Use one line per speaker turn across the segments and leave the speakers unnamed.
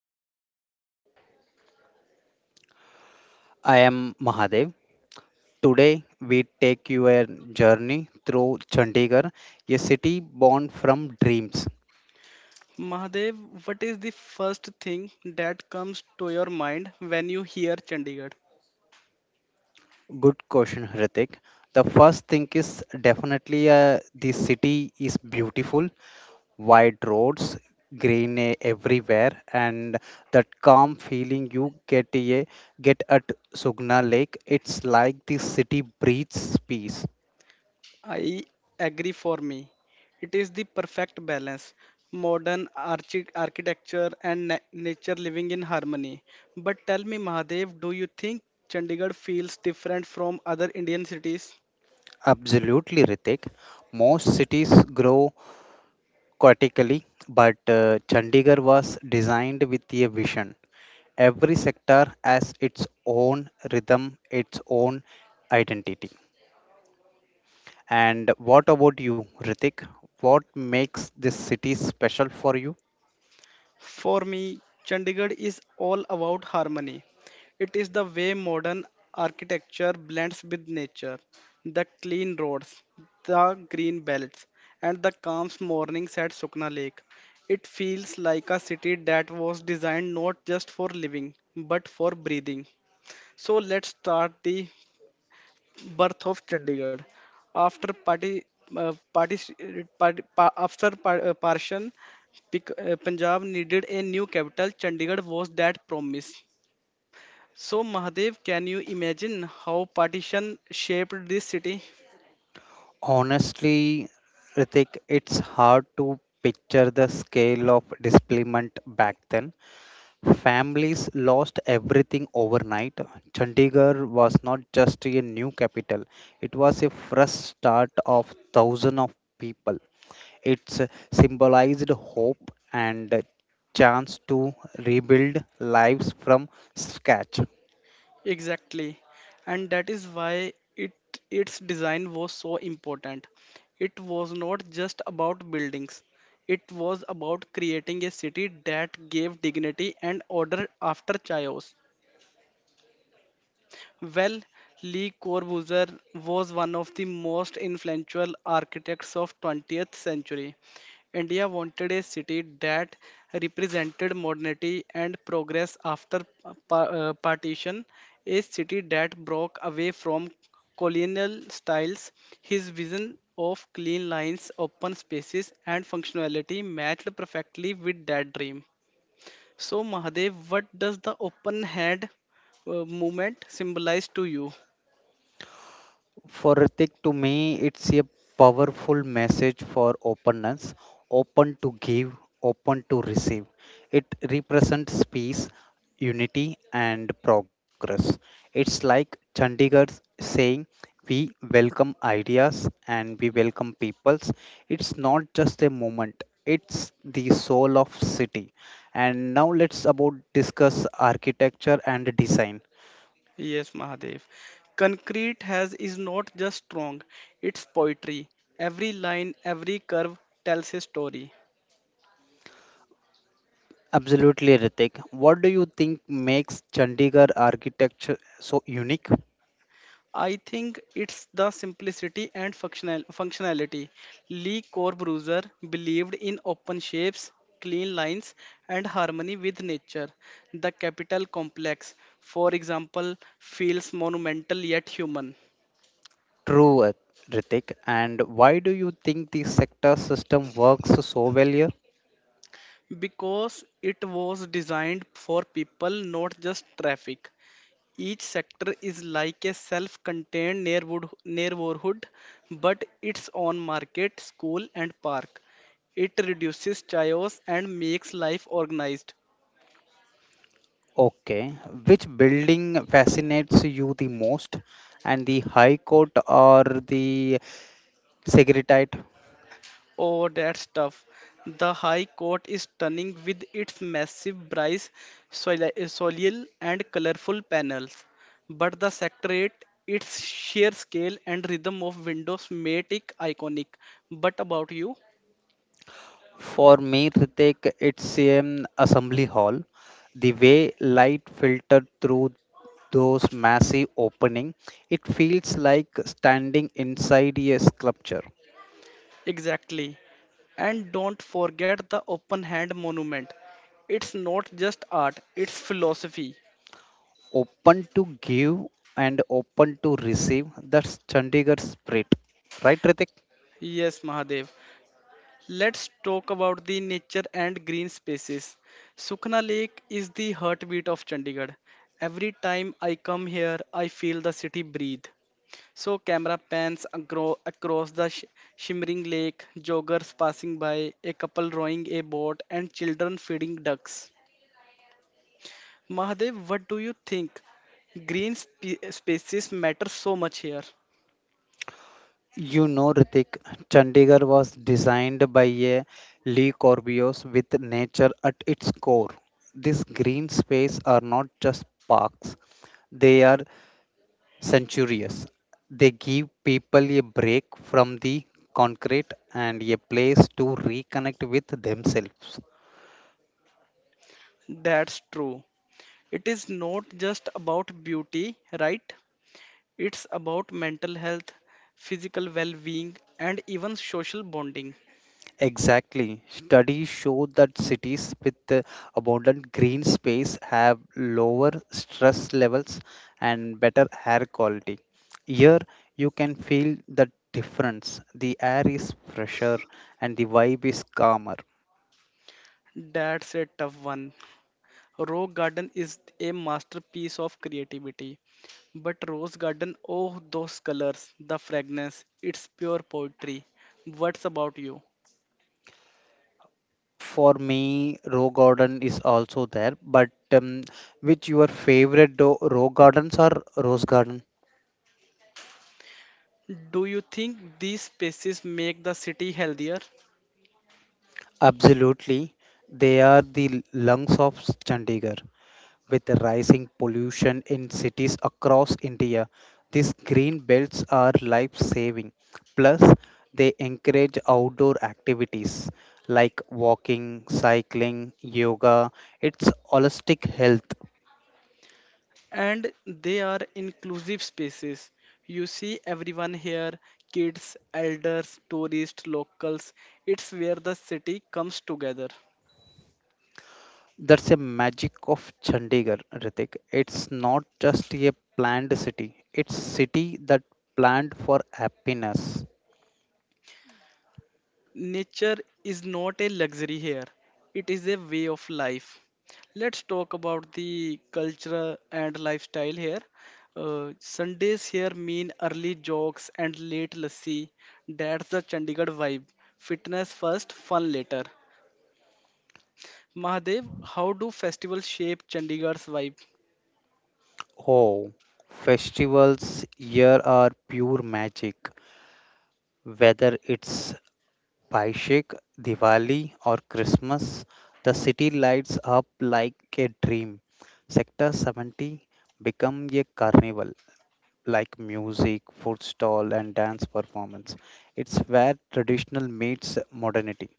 Ritik.
I am Mahadev. Today we take you a journey through Chandigarh, a city born from dreams.
Mahadev, what is the first thing that comes to your mind when you hear Chandigarh?
Good question, Hrithik. The first thing is definitely the city is beautiful, wide roads, green everywhere, and that calm feeling you get at Sugna Lake. It's like the city breathes peace.
I agree, for me it is the perfect balance, modern architecture and nature living in harmony. But tell me, Mahadev, do you think Chandigarh feels different from other Indian cities?
Absolutely, Ritik. Most cities grow Aquatically, but Chandigarh was designed with a vision. Every sector has its own rhythm, its own identity. And what about you, Ritik? What makes this city special for you?
For me, Chandigarh is all about harmony. It is the way modern architecture blends with nature. The clean roads, the green belts, and the calm mornings at Sukna Lake. It feels like a city that was designed not just for living, but for breathing. So let's start the birth of Chandigarh. After party, party, party pa, after par, partition, Punjab needed a new capital. Chandigarh was that promise. So Mahadev, can you imagine how partition shaped this city?
Honestly, Ritik, it's hard to picture the scale of displacement back then. Families lost everything overnight. Chandigarh was not just a new capital, it was a fresh start of thousands of people. It symbolized hope and a chance to rebuild lives from scratch.
Exactly, and that is why it its design was so important. It was not just about buildings. It was about creating a city that gave dignity and order after chaos. Well, Le Corbusier was one of the most influential architects of 20th century. India wanted a city that represented modernity and progress after partition, a city that broke away from colonial styles. His vision of clean lines, open spaces, and functionality matched perfectly with that dream. So, Mahadev, what does the open hand movement symbolize to you?
For Ritik, to me, it's a powerful message for openness, open to give, open to receive. It represents peace, unity, and progress. It's like Chandigarh saying, we welcome ideas and we welcome peoples. It's not just a moment, it's the soul of city. And now let's about discuss architecture and design.
Yes, Mahadev. Concrete has is not just strong, it's poetry. Every line, every curve tells a story.
Absolutely, Ritik. What do you think makes Chandigarh architecture so unique?
I think it's the simplicity and functionality. Lee Corbusier believed in open shapes, clean lines, and harmony with nature. The capital complex, for example, feels monumental yet human.
True, Ritik. And why do you think the sector system works so well here?
Because it was designed for people, not just traffic. Each sector is like a self contained neighborhood, but its own market, school, and park. It reduces chaos and makes life organized.
Okay. Which building fascinates you the most? And the High Court or the Secretariat?
Oh, that's tough. The High Court is stunning with its massive bryce soleil and colorful panels. But the Secretariat, its sheer scale and rhythm of windows made it iconic. But about you?
For me, Ritik, it's an assembly hall. The way light filtered through those massive opening, it feels like standing inside a sculpture,
Exactly. And don't forget the open hand monument. It's not just art, it's philosophy.
open to give and open to receive. That's Chandigarh spirit, right, Ritik?
Yes, Mahadev. Let's talk about the nature and green spaces. Sukhna Lake is the heartbeat of Chandigarh. Every time I come here, I feel the city breathe. So, camera pans across the shimmering lake, joggers passing by, a couple rowing a boat, and children feeding ducks. Mahadev, what do you think? Green spaces matter so much here.
You know, Ritik, Chandigarh was designed by a Lee Corbios with nature at its core. These green space are not just parks; they are centurious. They give people a break from the concrete and a place to reconnect with themselves.
That's true. It is not just about beauty, right? It's about mental health, physical well being, and even social bonding.
Exactly. Studies show that cities with abundant green space have lower stress levels and better air quality. Here, you can feel the difference. The air is fresher and the vibe is calmer.
That's a tough one. Rose Garden is a masterpiece of creativity. But Rose Garden, oh, those colors, the fragrance, it's pure poetry. What's about you?
For me, Rock Garden is also there, but which your favorite Rock Gardens or Rose Garden?
Do you think these spaces make the city healthier?
Absolutely. They are the lungs of Chandigarh. With the rising pollution in cities across India, these green belts are life saving. Plus, they encourage outdoor activities like walking, cycling, yoga. It's holistic health.
And they are inclusive spaces. You see everyone here, kids, elders, tourists, locals. It's where the city comes together.
That's a magic of Chandigarh, Ritik. It's not just a planned city. It's city that planned for happiness.
Nature is not a luxury here, it is a way of life. Let's talk about the culture and lifestyle here. Sundays here mean early jogs and late lassi. That's the Chandigarh vibe. Fitness first, fun later. Mahadev, how do festivals shape Chandigarh's vibe?
Oh, festivals here are pure magic. Whether it's Baishik, Diwali or Christmas, the city lights up like a dream. Sector 70 become a carnival. Like music, food stall, and dance performance. It's where traditional meets modernity.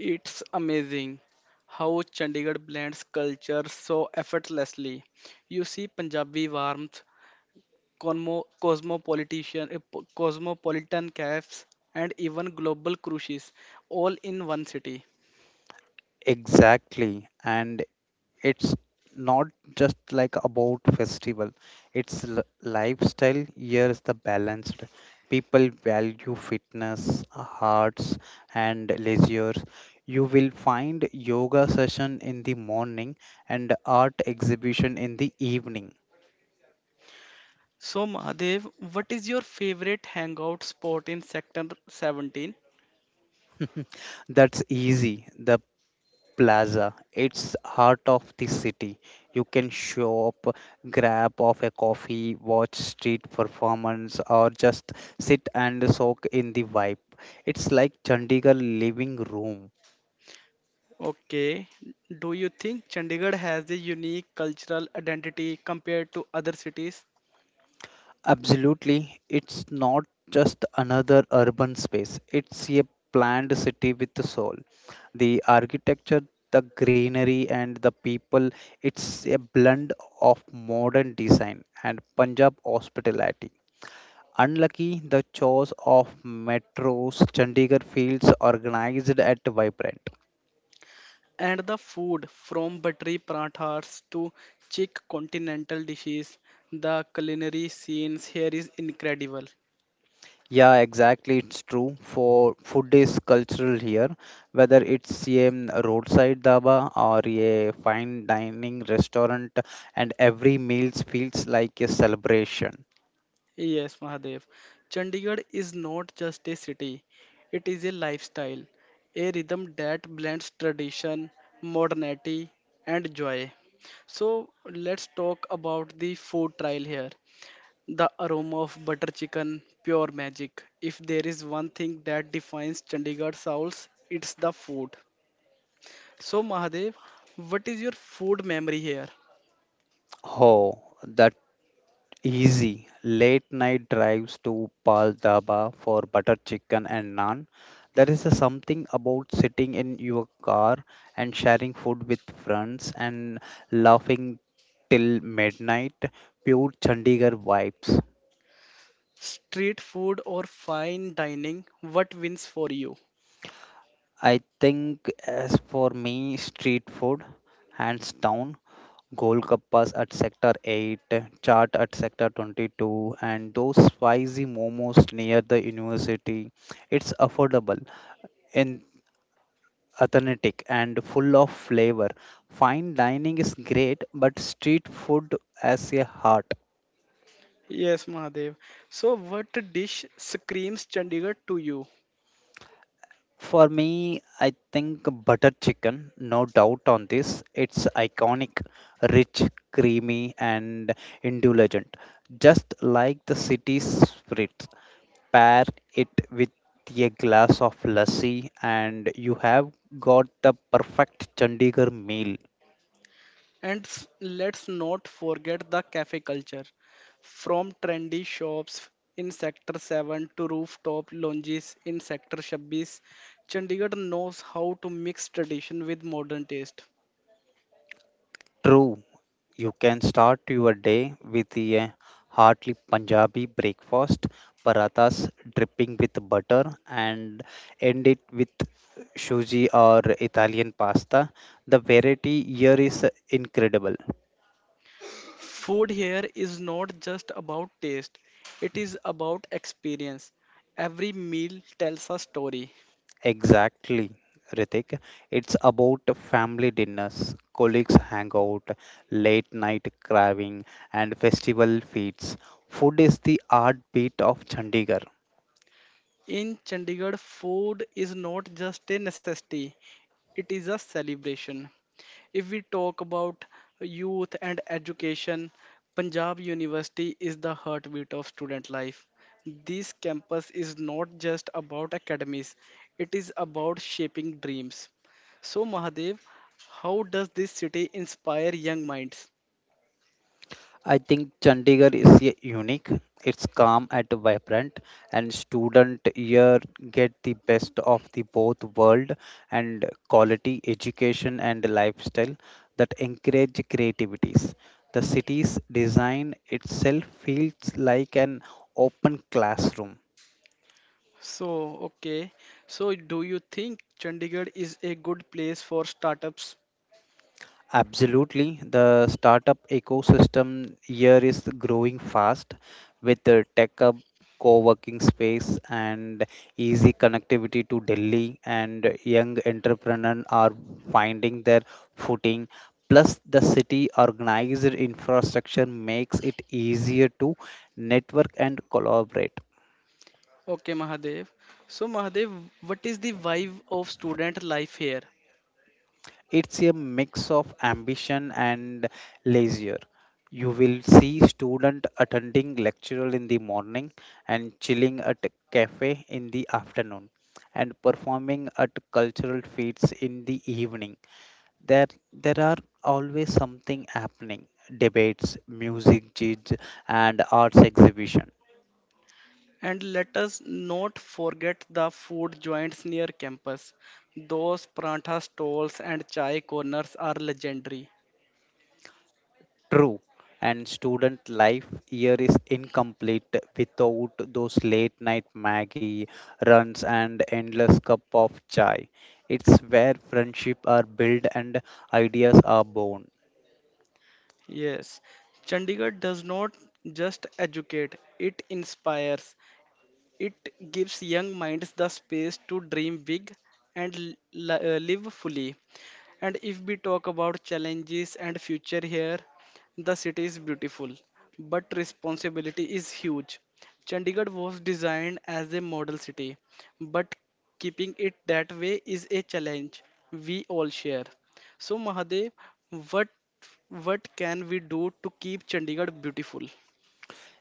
It's amazing how Chandigarh blends culture so effortlessly. You see Punjabi warmth, cosmopolitan cafes, and even global cruises all in one city.
Exactly, and it's not just like about festival. It's lifestyle. Here is the balanced. People value fitness, hearts, and leisure. You will find yoga session in the morning and art exhibition in the evening.
So, Mahadev, what is your favorite hangout spot in Sector 17?
That's easy. The plaza, it's heart of the city. You can shop, grab of a coffee, watch street performance, or just sit and soak in the vibe. It's like Chandigarh living room.
Okay. Do you think Chandigarh has a unique cultural identity compared to other cities?
Absolutely. It's not just another urban space. It's a planned city with the soul. The architecture, the greenery, and the people, it's a blend of modern design and Punjab hospitality. Unlucky, the chores of metros Chandigarh fields organized at Vibrant.
And the food, from buttery parathas to chic continental dishes, the culinary scenes here is incredible.
Yeah, exactly. It's true. For food is cultural here, whether it's a roadside dhaba or a fine dining restaurant, and every meal feels like a celebration.
Yes, Mahadev. Chandigarh is not just a city, it is a lifestyle, a rhythm that blends tradition, modernity, and joy. So, let's talk about the food trial here. The aroma of butter chicken, pure magic. If there is one thing that defines Chandigarh Souls, it's the food. So, Mahadev, what is your food memory here?
Oh, the easy late night drives to Pal Dhaba for butter chicken and naan. There is a something about sitting in your car and sharing food with friends and laughing till midnight. Pure Chandigarh vibes.
Street food or fine dining? What wins for you?
I think as for me, street food, hands down. Golgappas at sector 8, chaat at sector 22, and those spicy momos near the university. It's affordable in authentic and full of flavor. Fine dining is great, but street food has a heart.
Yes, Mahadev. So, what dish screams Chandigarh to you?
For me, I think butter chicken, no doubt on this. It's iconic, rich, creamy, and indulgent, just like the city's spirits. Pair it with a glass of lassi, and you have got the perfect Chandigarh meal.
And let's not forget the cafe culture. From trendy shops in Sector 7 to rooftop lounges in Sector 26, Chandigarh knows how to mix tradition with modern taste.
True, you can start your day with a hearty Punjabi breakfast, parathas dripping with butter, and end it with shuji or Italian pasta. The variety here is incredible.
Food here is not just about taste, it is about experience. Every meal tells a story.
Exactly, Ritik. It's about family dinners, colleagues hangout, late night craving, and festival feasts. Food is the heartbeat of Chandigarh.
In Chandigarh, food is not just a necessity, it is a celebration. If we talk about youth and education, Punjab University is the heartbeat of student life. This campus is not just about academies, it is about shaping dreams. So, Mahadev, how does this city inspire young minds?
I think Chandigarh is unique. It's calm and vibrant, and student here get the best of the both world and quality education and lifestyle that encourage creativities. The city's design itself feels like an open classroom.
So, okay, so do you think Chandigarh is a good place for startups?
Absolutely. The startup ecosystem here is growing fast with the tech hub, co-working space and easy connectivity to Delhi and young entrepreneurs are finding their footing. Plus the city organized infrastructure makes it easier to network and collaborate.
Okay, Mahadev. So, Mahadev, what is the vibe of student life here?
It's a mix of ambition and leisure. You will see student attending lecture in the morning and chilling at a cafe in the afternoon and performing at cultural feats in the evening. There are always something happening, debates, music gigs, and arts exhibition.
And let us not forget the food joints near campus. Those prantha stalls and chai corners are legendary.
True, and student life year is incomplete without those late night Maggie runs and endless cup of chai. It's where friendship are built and ideas are born.
Yes, Chandigarh does not just educate, it inspires. It gives young minds the space to dream big and live fully. And if we talk about challenges and future here, the city is beautiful, but responsibility is huge. Chandigarh was designed as a model city, but keeping it that way is a challenge we all share. So Mahadev, what what can we do to keep Chandigarh beautiful?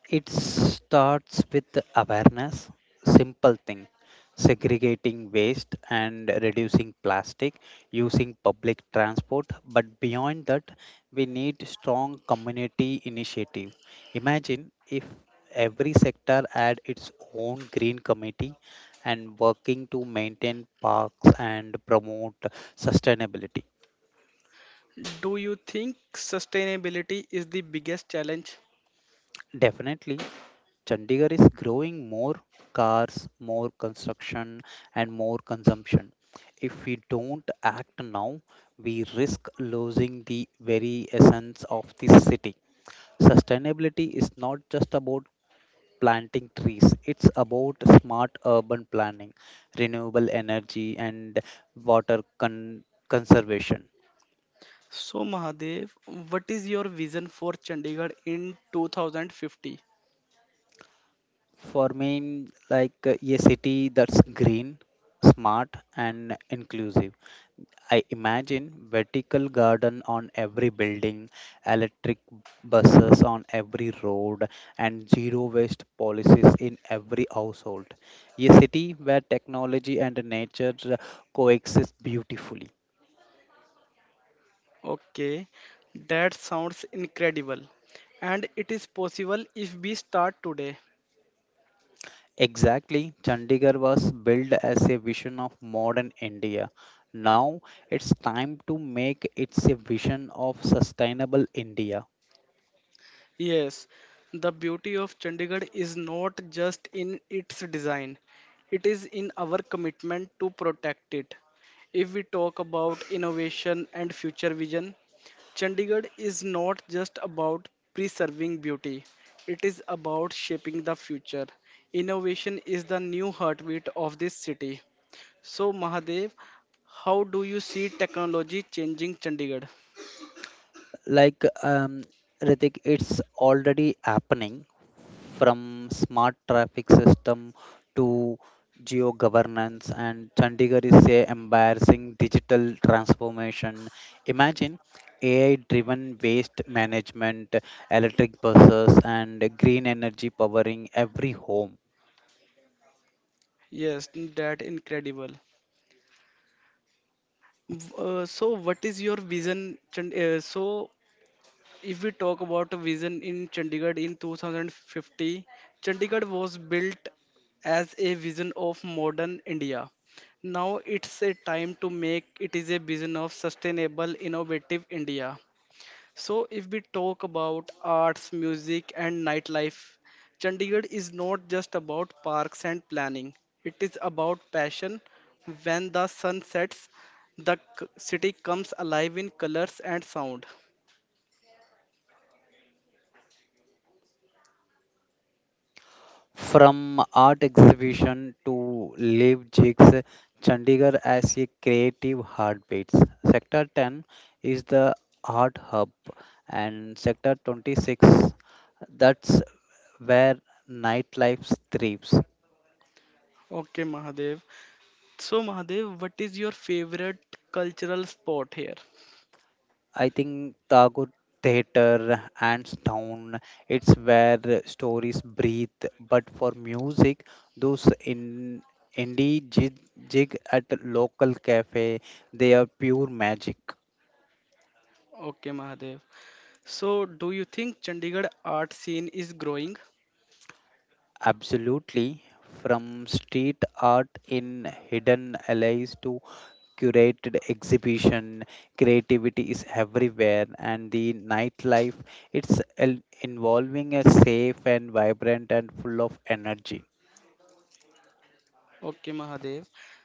It starts with the awareness, simple thing, segregating waste and reducing plastic, using public transport. But beyond that, we need strong community initiative. Imagine if every sector had its own green committee and working to maintain parks and promote sustainability.
Do you think sustainability is the biggest challenge?
Definitely, Chandigarh is growing more cars, more construction, and more consumption. If we don't act now, we risk losing the very essence of the city. Sustainability is not just about planting trees, it's about smart urban planning, renewable energy, and water conservation.
So Mahadev, what is your vision for Chandigarh in 2050?
For me, like a city that's green, smart, and inclusive. I imagine vertical garden on every building, electric buses on every road, and zero waste policies in every household. A city where technology and nature coexist beautifully.
Okay, that sounds incredible. And it is possible if we start today.
Exactly, Chandigarh was built as a vision of modern India. Now it's time to make it a vision of sustainable India.
Yes, the beauty of Chandigarh is not just in its design, it is in our commitment to protect it. If we talk about innovation and future vision, Chandigarh is not just about preserving beauty, it is about shaping the future. Innovation is the new heartbeat of this city. So, Mahadev, how do you see technology changing Chandigarh?
Like, um, Ritik, it's already happening from smart traffic system to geo governance, and Chandigarh is a embarrassing digital transformation. Imagine AI-driven waste management, electric buses, and green energy powering every home.
Yes, that incredible. What is your vision? If we talk about a vision in Chandigarh in 2050, Chandigarh was built as a vision of modern India. Now it's a time to make it is a vision of sustainable, innovative India. So, if we talk about arts, music, and nightlife, Chandigarh is not just about parks and planning, it is about passion. When the sun sets, the city comes alive in colors and sound.
From art exhibition to live gigs, Chandigarh as a creative heartbeats. Sector 10 is the art hub, and Sector 26, that's where nightlife thrives.
Okay, Mahadev. So, Mahadev, what is your favorite cultural spot here?
I think Tagore Theatre, hands down, it's where stories breathe. But for music, those in indie jig at local cafe, they are pure magic.
Okay, Mahadev. So, do you think Chandigarh art scene is growing?
Absolutely. From street art in hidden alleys to curated exhibition, creativity is everywhere, and the nightlife, involving a safe and vibrant and full of energy.
Okay, Mahadev.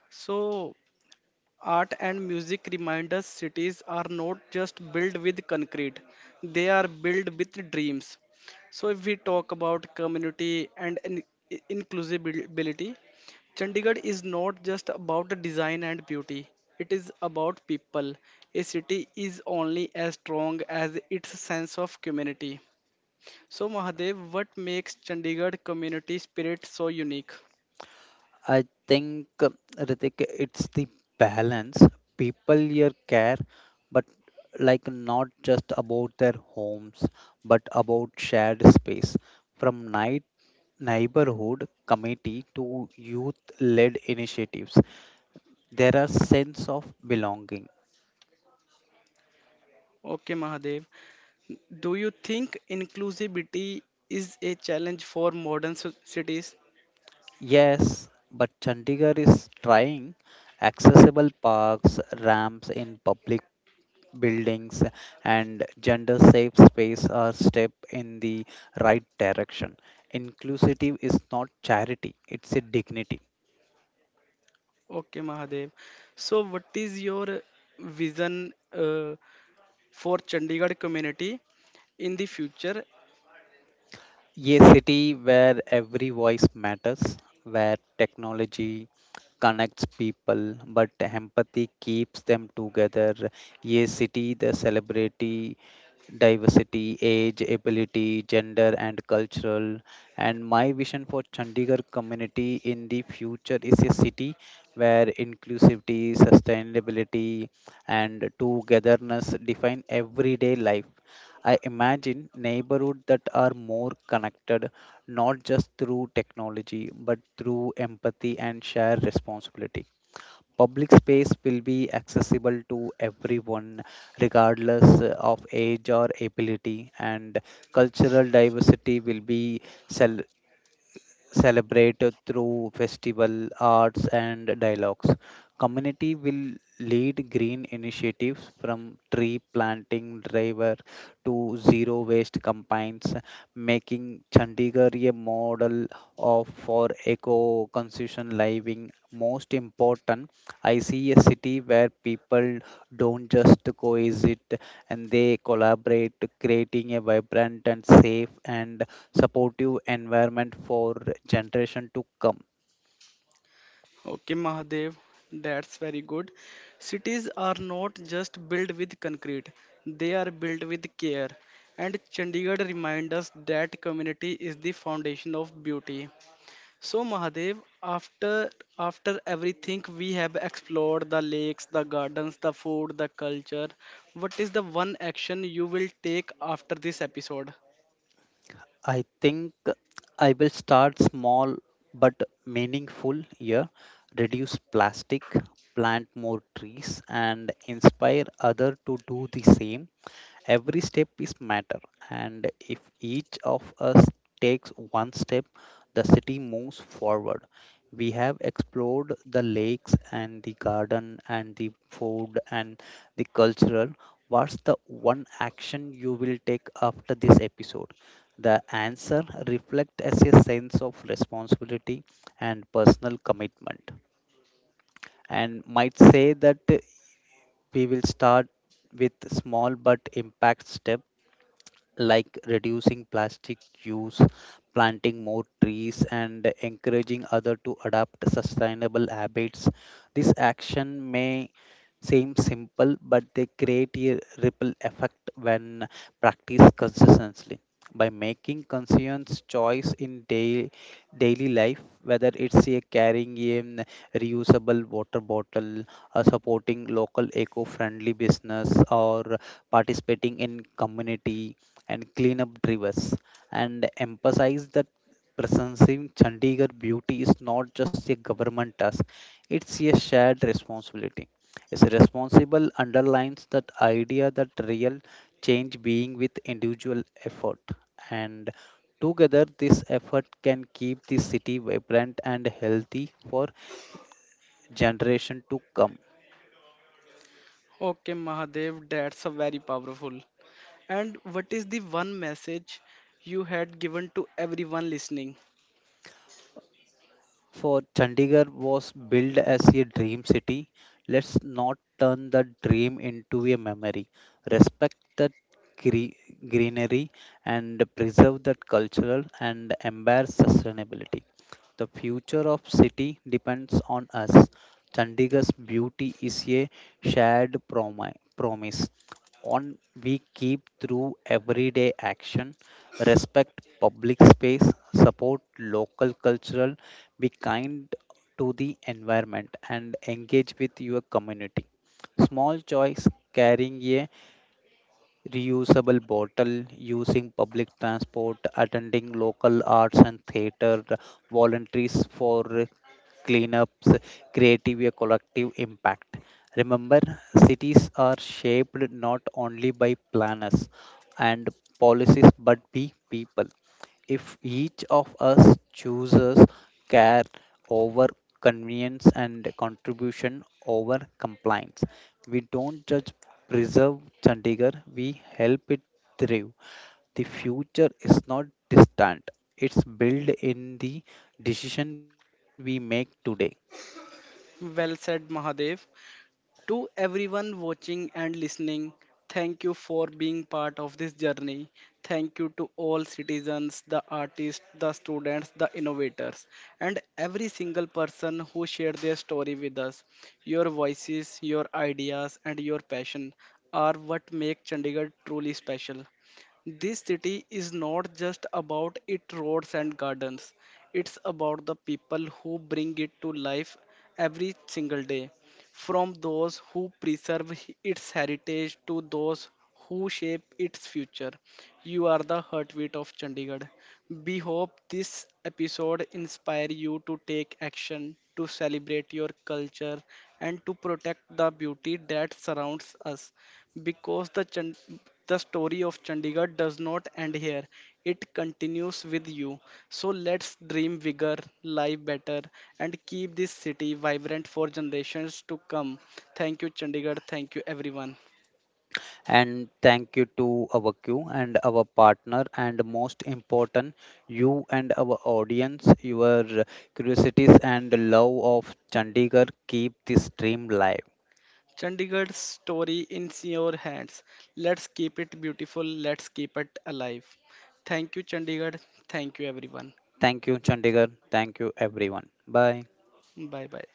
So, art and music remind us cities are not just built with concrete, they are built with dreams. So, if we talk about community and inclusivity, Chandigarh is not just about the design and beauty, it is about people. A city is only as strong as its sense of community. So, Mahadev, what makes Chandigarh community spirit so unique?
I think Ritik, it's the balance. People here care, but like not just about their homes, but about shared space. From night neighborhood committee to youth led initiatives, there are sense of belonging.
Okay, Mahadev. Do you think inclusivity is a challenge for modern cities?
Yes, but Chandigarh is trying, accessible parks, ramps in public buildings, and gender safe space are step in the right direction. Inclusive is not charity, it's a dignity.
Okay, Mahadev. So, what is your vision for Chandigarh community in the future?
A city where every voice matters, where technology connects people, but empathy keeps them together. A city that celebrity diversity, age, ability, gender, and cultural. And my vision for Chandigarh community in the future is a city where inclusivity, sustainability, and togetherness define everyday life. I imagine neighborhoods that are more connected, not just through technology, but through empathy and shared responsibility. Public space will be accessible to everyone, regardless of age or ability, and cultural diversity will be cel- celebrate through festival, arts, and dialogues. Community will lead green initiatives from tree planting driver to zero waste campaigns, making Chandigarh a model of for eco-conscious living. Most important, I see a city where people don't just coexist and they collaborate, creating a vibrant and safe and supportive environment for generation to come.
Okay, Mahadev, that's very good. Cities are not just built with concrete, they are built with care. And Chandigarh reminds us that community is the foundation of beauty. So Mahadev, after everything we have explored, the lakes, the gardens, the food, the culture, what is the one action you will take after this episode?
I think I will start small but meaningful here. Reduce plastic, plant more trees, and inspire other to do the same. Every step is matter, and if each of us takes one step, the city moves forward. We have explored the lakes and the garden and the food and the cultural. What's the one action you will take after this episode? The answer reflects as a sense of responsibility and personal commitment, and might say that we will start with small but impact step, like reducing plastic use, planting more trees, and encouraging others to adopt sustainable habits. This action may seem simple, but they create a ripple effect when practiced consistently. By making conscious choice in daily life, whether it's a carrying a reusable water bottle, supporting local eco-friendly business, or participating in community and clean up rivers and emphasize that preserving Chandigarh beauty is not just a government task, it's a shared responsibility. It's responsible underlines that idea that real change being with individual effort, and together this effort can keep the city vibrant and healthy for generation to come.
Okay Mahadev, that's a very powerful. And what is the one message you had given to everyone listening?
For Chandigarh was built as a dream city. Let's not turn the dream into a memory. Respect the gre- greenery and preserve that cultural and embrace sustainability. The future of city depends on us. Chandigarh's beauty is a shared promise. On we keep through everyday action, respect public space, support local cultural, be kind to the environment and engage with your community, small choice, carrying a reusable bottle, using public transport, attending local arts and theater, volunteers for cleanups, creative a collective impact. Remember, cities are shaped not only by planners and policies but by people. If each of us chooses care over convenience and contribution over compliance, we don't just preserve Chandigarh, we help it thrive. The future is not distant, it's built in the decision we make today.
Well said Mahadev. To everyone watching and listening, thank you for being part of this journey. Thank you to all citizens, the artists, the students, the innovators, and every single person who shared their story with us. Your voices, your ideas, and your passion are what make Chandigarh truly special. This city is not just about its roads and gardens. It's about the people who bring it to life every single day, from those who preserve its heritage to those who shape its future. You are the heartbeat of Chandigarh. We hope this episode inspire you to take action, to celebrate your culture, and to protect the beauty that surrounds us, because the story of Chandigarh does not end here. It continues with you. So let's dream bigger, live better, and keep this city vibrant for generations to come. Thank you, Chandigarh. Thank you, everyone.
And thank you to our Q and our partner, and most important, you and our audience. Your curiosities and love of Chandigarh keep this dream live.
Chandigarh's story in your hands. Let's keep it beautiful. Let's keep it alive. Thank you, Chandigarh. Thank you, everyone.
Thank you, Chandigarh. Thank you, everyone. Bye.
Bye bye.